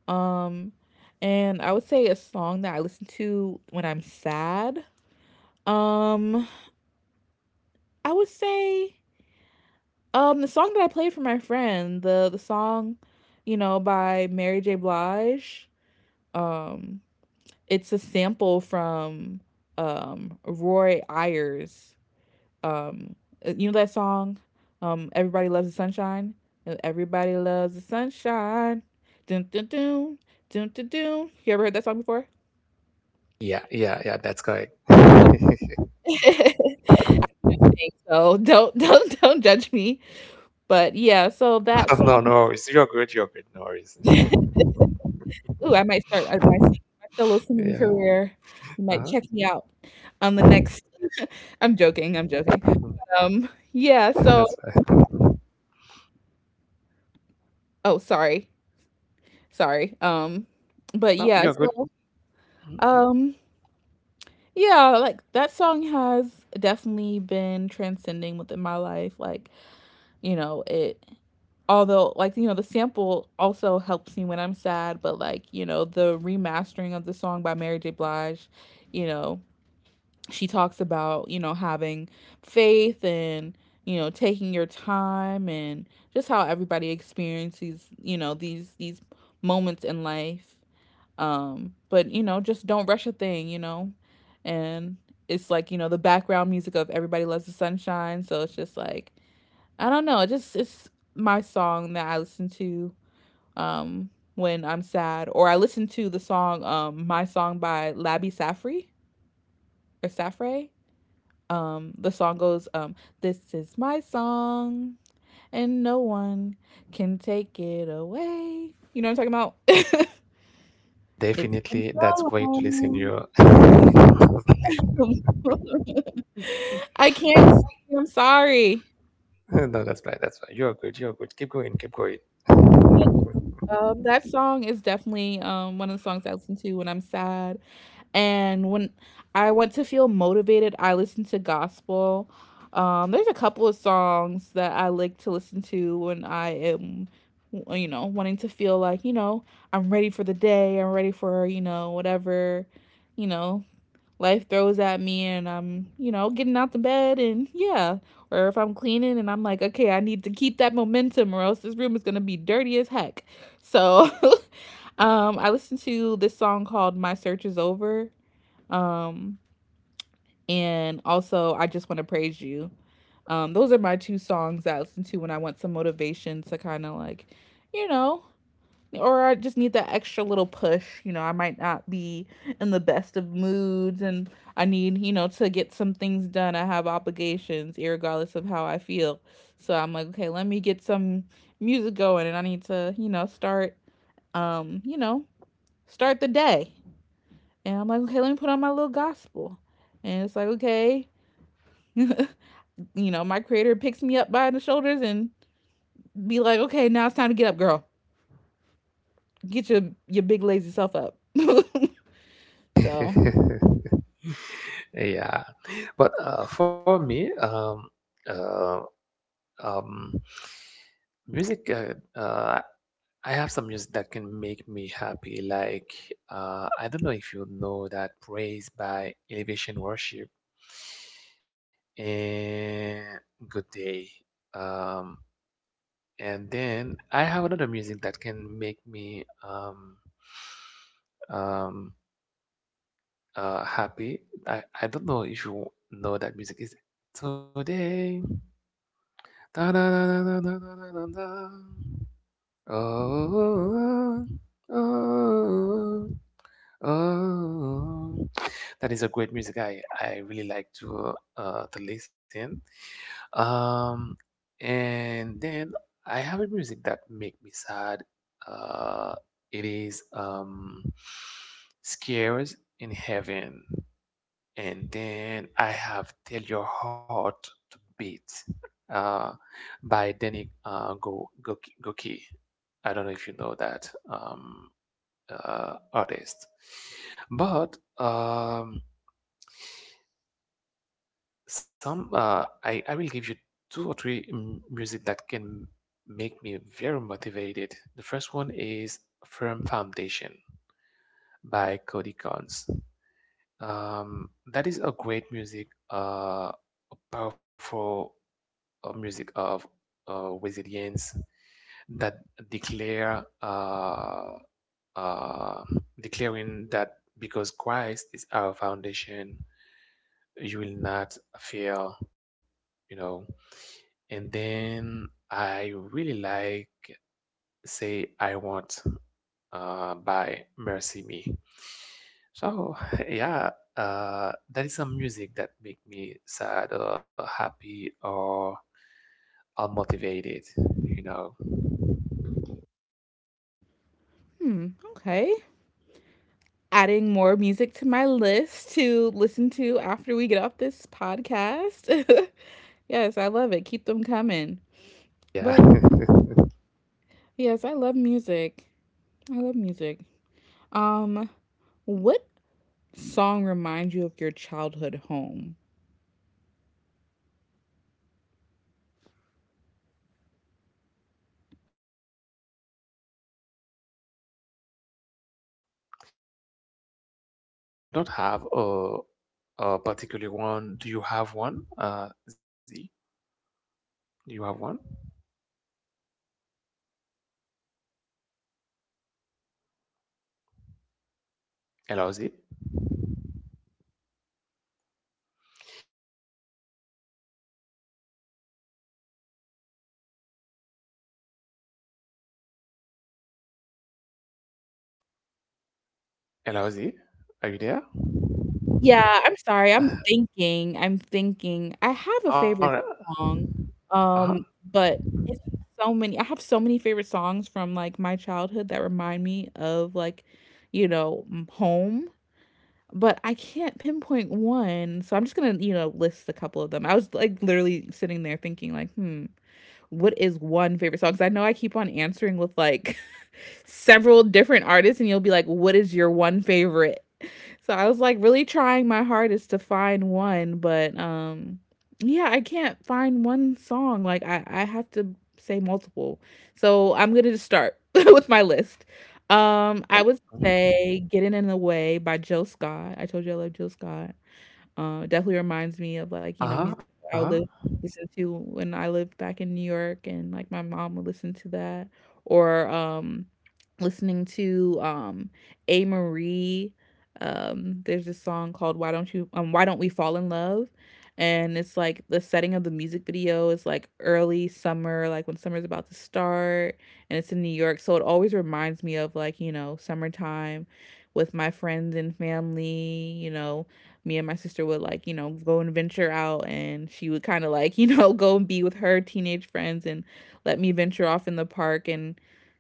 [SPEAKER 1] Um, and I would say a song that I listen to when I'm sad. Um, I would say um the song that I played for my friend, the the song, you know, by Mary J. Blige. Um, it's a sample from um Roy Ayers. Um, you know that song, um, Everybody Loves the Sunshine. Everybody loves the sunshine. Dun dun dun dun dun dun. You ever heard that song before?
[SPEAKER 2] Yeah, yeah, yeah, that's correct.
[SPEAKER 1] I think so. Don't don't don't judge me. But yeah, so that
[SPEAKER 2] No, no
[SPEAKER 1] song.
[SPEAKER 2] worries. You're good, you're good, no worries.
[SPEAKER 1] Ooh, I might start my my solo singing
[SPEAKER 2] Yeah,
[SPEAKER 1] career. You might check
[SPEAKER 2] uh-huh.
[SPEAKER 1] me out on the next I'm joking, I'm joking. Um, yeah, so
[SPEAKER 2] That's fine.
[SPEAKER 1] oh, sorry. Sorry. Um, but yeah,
[SPEAKER 2] No, you're
[SPEAKER 1] so,
[SPEAKER 2] good.
[SPEAKER 1] um, yeah, like that song has definitely been transcending within my life. Like, you know, it although like you know the sample also helps me when I'm sad, but like you know the remastering of the song by Mary J. Blige. you know she talks about you know having faith, and you know taking your time, and just how everybody experiences, you know these these moments in life. Um but you know just don't rush a thing, you know and it's like you know the background music of Everybody Loves the Sunshine. So it's just like, I don't know. It just it's my song that I listen to um when I'm sad, or I listen to the song, um My Song by Labi Safri or Safre. Um, the song goes, um "This is my song and no one can take it away." You know what I'm talking about? It's been
[SPEAKER 2] Definitely, that's
[SPEAKER 1] so
[SPEAKER 2] great to listen
[SPEAKER 1] long.
[SPEAKER 2] to you.
[SPEAKER 1] I can't. Sing, I'm sorry.
[SPEAKER 2] No, that's right. That's right. You're good. You're good. Keep going. Keep going.
[SPEAKER 1] Um, that song is definitely um, one of the songs I listen to when I'm sad. And when I want to feel motivated, I listen to gospel. Um, there's a couple of songs that I like to listen to when I am, you know, wanting to feel like, you know, I'm ready for the day, I'm ready for, you know, whatever, you know, life throws at me, and I'm, you know, getting out the bed, and yeah. Or if I'm cleaning and I'm like, okay, I need to keep that momentum, or else this room is gonna be dirty as heck. So, um I listened to this song called My Search Is Over, um, and also, I Just Want to Praise You. Um, those are my two songs that I listen to when I want some motivation to kind of like, you know, or I just need that extra little push. You know, I might not be in the best of moods, and I need, you know, to get some things done. I have obligations, regardless of how I feel. So I'm like, okay, let me get some music going, and I need to, you know, start, um, you know, start the day. And I'm like, okay, let me put on my little gospel. And it's like, okay, you know, my creator picks me up by the shoulders and be like, okay, now it's time to get up, girl. Get your your big lazy self up. So,
[SPEAKER 2] Yeah. But uh, for me, um, uh, um, music, uh, uh, I have some music that can make me happy. Like, uh, I don't know if you know that, Praise by Elevation Worship and Good Day. Um, And then I have another music that can make me um, um, uh, happy. I, I don't know if you know that music is today. Da da da da da da da da da. Oh, oh, oh, oh. That is a great music. I, I really like to uh, to listen. Um, and then I have a music that make me sad. Uh, it is, um, Scares in Heaven. And then I have Tell Your Heart to Beat uh, by Danny uh, Go Goki. Goki. I don't know if you know that um, uh, artist, but um, some uh, I I will give you two or three m- music that can make me very motivated. The first one is Firm Foundation by Cody Cons. Um, that is a great music, uh, a powerful uh, music of uh, resilience that declare uh, uh, declaring that because Christ is our foundation, you will not fail. You know, and then I really like Say I Want uh, by Mercy Me. So yeah, uh, that is some music that make me sad or happy or all motivated, you know.
[SPEAKER 1] hmm, okay. Adding more music to my list to listen to after we get off this podcast. Yes, I love it. Keep them coming.
[SPEAKER 2] Yeah.
[SPEAKER 1] But yes, I love music. I love music. Um, what song reminds you of your childhood home?
[SPEAKER 2] Don't have a a particular one. Do you have one? Uh, Z, do you have one? Hello, Z. Hello, Z. Are you there?
[SPEAKER 1] Yeah, I'm sorry, I'm thinking, I'm thinking. I have a
[SPEAKER 2] Uh, all right.
[SPEAKER 1] favorite song,
[SPEAKER 2] Uh-huh.
[SPEAKER 1] um, but it's so many I have so many favorite songs from, like, my childhood that remind me of, like, you know, m home, but I can't pinpoint one, so I'm just gonna, you know, list a couple of them. I was, like, literally sitting there thinking like, "Hmm, what is one favorite song?" 'Cause I know I keep on answering with, like, several different artists, and you'll be like, "What is your one favorite?" So I was like really trying my hardest to find one, but um yeah, I can't find one song. Like I I have to say multiple. So I'm going to just start with my list. Um
[SPEAKER 2] Yeah.
[SPEAKER 1] I would
[SPEAKER 2] Mhm.
[SPEAKER 1] say Getting in the Way by Jill Scott. I told you I love Jill Scott. Uh, definitely reminds me of like you know
[SPEAKER 2] Uh-huh.
[SPEAKER 1] music
[SPEAKER 2] Uh-huh.
[SPEAKER 1] I would live, listen to when I lived back in New York, and like my mom would listen to that, or um, listening to um, A Marie. Um, there's this song called "Why Don't You?" Um, "Why Don't We Fall in Love?" And it's like the setting of the music video is like early summer, like when summer's about to start, and it's in New York, so it always reminds me of like you know summertime with my friends and family, you know, me and my sister would like you know go and venture out, and she would kind of like you know go and be with her teenage friends, and let me venture off in the park. And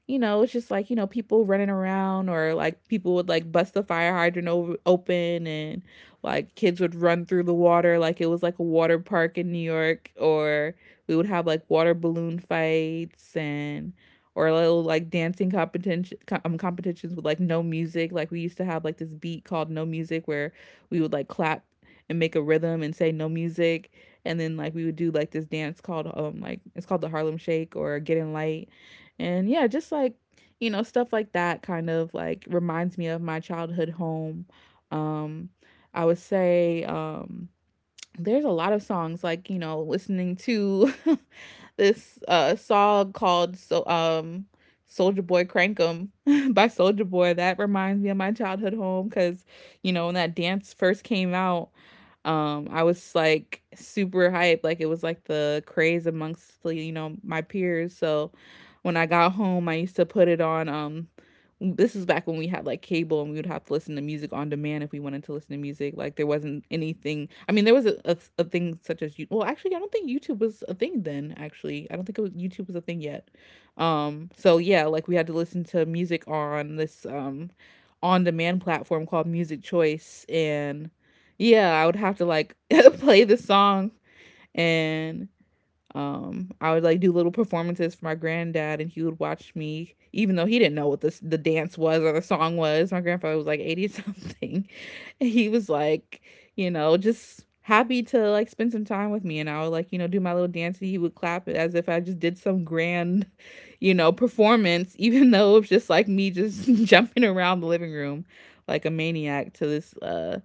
[SPEAKER 1] you know it's just like you know people running around, or like people would like bust the fire hydrant over, open, and like kids would run through the water like it was like a water park in New York. Or we would have like water balloon fights, and or little like dancing competition um, competitions with like no music. Like we used to have like this beat called no music, where we would like clap and make a rhythm and say no music, and then like we would do like this dance called um like it's called the Harlem Shake or Get in Light. And yeah, just like you know stuff like that kind of like reminds me of my childhood home. um I would say um there's a lot of songs like you know listening to this uh song called so um Soldier Boy Crankum by Soldier Boy, that reminds me of my childhood home, because you know when that dance first came out, um I was like super hyped. Like it was like the craze amongst the, you know my peers. So when I got home, I used to put it on. um this is back when we had like cable, and we would have to listen to music on demand if we wanted to listen to music. Like there wasn't anything. I mean, there was a, a, a thing such as you. Well, actually, I don't think YouTube was a thing then. Actually, I don't think it was, YouTube was a thing yet. Um, so yeah, like we had to listen to music on this um on demand platform called Music Choice. And yeah, I would have to like play the song, and um I would like do little performances for my granddad, and he would watch me even though he didn't know what this the dance was or the song was. My grandfather was like eighty something, and he was like you know just happy to like spend some time with me. And I would like you know do my little dance, and he would clap it as if I just did some grand you know performance. Even though it's just like me just jumping around the living room like a maniac to this uh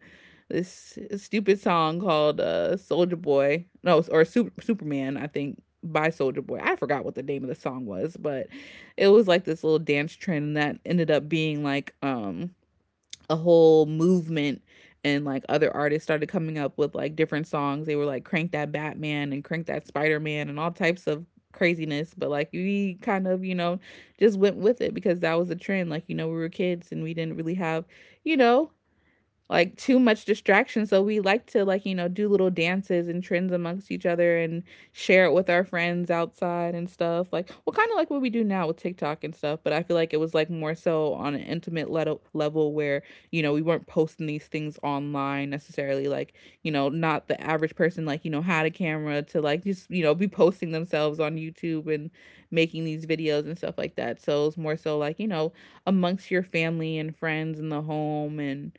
[SPEAKER 1] this stupid song called uh, Soldier Boy, no, or Super, Superman, I think, by Soldier Boy. I forgot what the name of the song was, but it was like this little dance trend that ended up being like um, a whole movement. And like other artists started coming up with like different songs. They were like Crank That Batman and Crank That Spider Man and all types of craziness. But like we kind of, you know, just went with it because that was a trend. Like, you know, we were kids and we didn't really have, you know, like too much distraction. So we like to like you know do little dances and trends amongst each other, and share it with our friends outside and stuff, like well kind of like what we do now with TikTok and stuff. But I feel like it was like more so on an intimate level level where you know we weren't posting these things online necessarily, like you know not the average person like you know had a camera to like just you know be posting themselves on YouTube and making these videos and stuff like that. So it's more so like you know amongst your family and friends in the home, and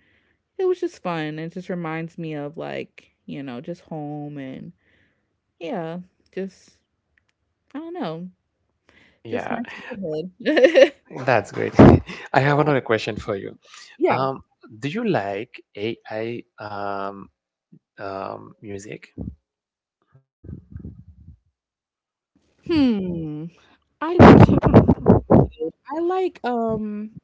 [SPEAKER 1] it was just fun. It just reminds me of like, you know, just home and yeah, just I don't know,
[SPEAKER 2] Yeah,
[SPEAKER 1] just my childhood. Yeah.
[SPEAKER 2] that's great. I have another question for you.
[SPEAKER 1] Yeah.
[SPEAKER 2] Um, do you like A I um um music?
[SPEAKER 1] Hmm. I do. I like um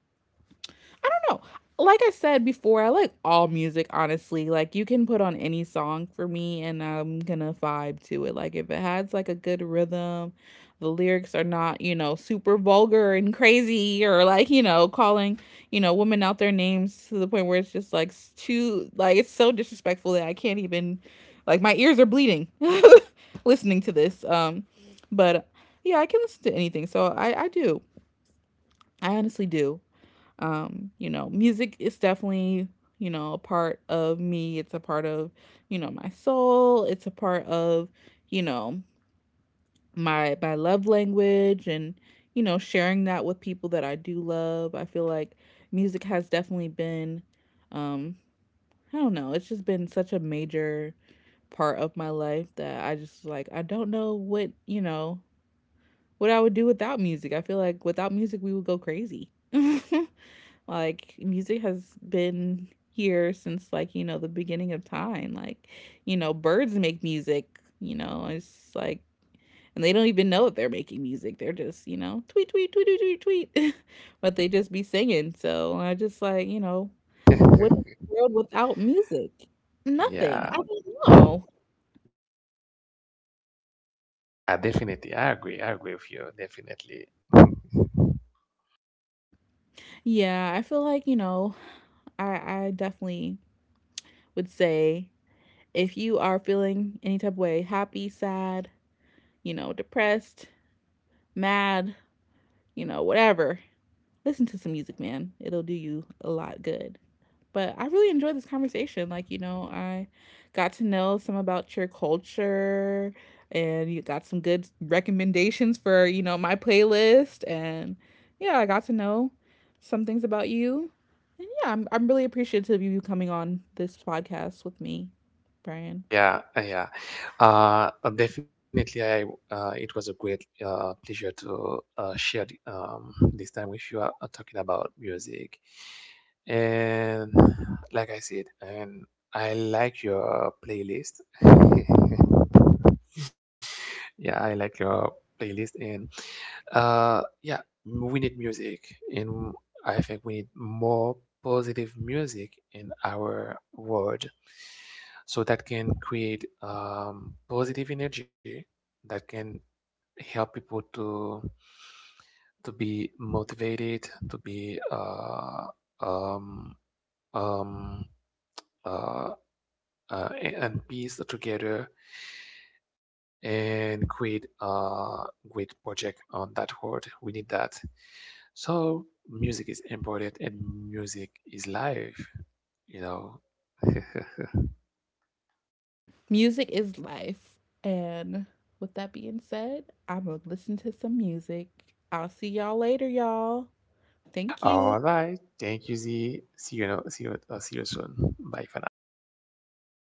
[SPEAKER 1] I don't know. Like I said before, I like all music, honestly. Like you can put on any song for me and I'm gonna vibe to it. Like if it has like a good rhythm, the lyrics are not, you know, super vulgar and crazy, or like, you know, calling, you know, women out their names to the point where it's just like too like it's so disrespectful that I can't even like my ears are bleeding listening to this. Um but yeah, I can listen to anything. So I I do. I honestly do. um you know music is definitely you know a part of me, it's a part of you know my soul, it's a part of you know my my love language. And you know sharing that with people that I do love, I feel like music has definitely been um I don't know, it's just been such a major part of my life that I just like I don't know what you know what I would do without music. I feel like without music we would go crazy. Like, music has been here since, like, you know, the beginning of time. Like, you know, birds make music, you know, it's like, and they don't even know that they're making music. They're just, you know, tweet, tweet, tweet, tweet, tweet, tweet. But they just be singing. So I just like, you know, what is the world without music? Nothing.
[SPEAKER 2] Yeah.
[SPEAKER 1] I don't know.
[SPEAKER 2] I definitely. I agree. I agree with you. Definitely.
[SPEAKER 1] Yeah, I feel like, you know, I, I definitely would say if you are feeling any type of way, happy, sad, you know, depressed, mad, you know, whatever. Listen to some music, man. It'll do you a lot good. But I really enjoyed this conversation. Like, you know, I got to know some about your culture, and you got some good recommendations for, you know, my playlist. And yeah, I got to know some things about you. And yeah, I'm, I'm really appreciative of you coming on this podcast with me, Brian.
[SPEAKER 2] Yeah, uh, yeah. Uh, uh, definitely, I uh, it was a great uh, pleasure to uh, share th- um, this time with you uh, uh, talking about music. And like I said, and I like your playlist. Yeah, I like your playlist, and uh yeah, we need music, and I think we need more positive music in our world, so that can create um positive energy that can help people to to be motivated, to be uh um um uh uh, and piece together and create a great project on that word. We need that. So music is important, and music is life, you know.
[SPEAKER 1] Music is life. And with that being said, I'm going to listen to some music. I'll see y'all later, y'all. Thank you.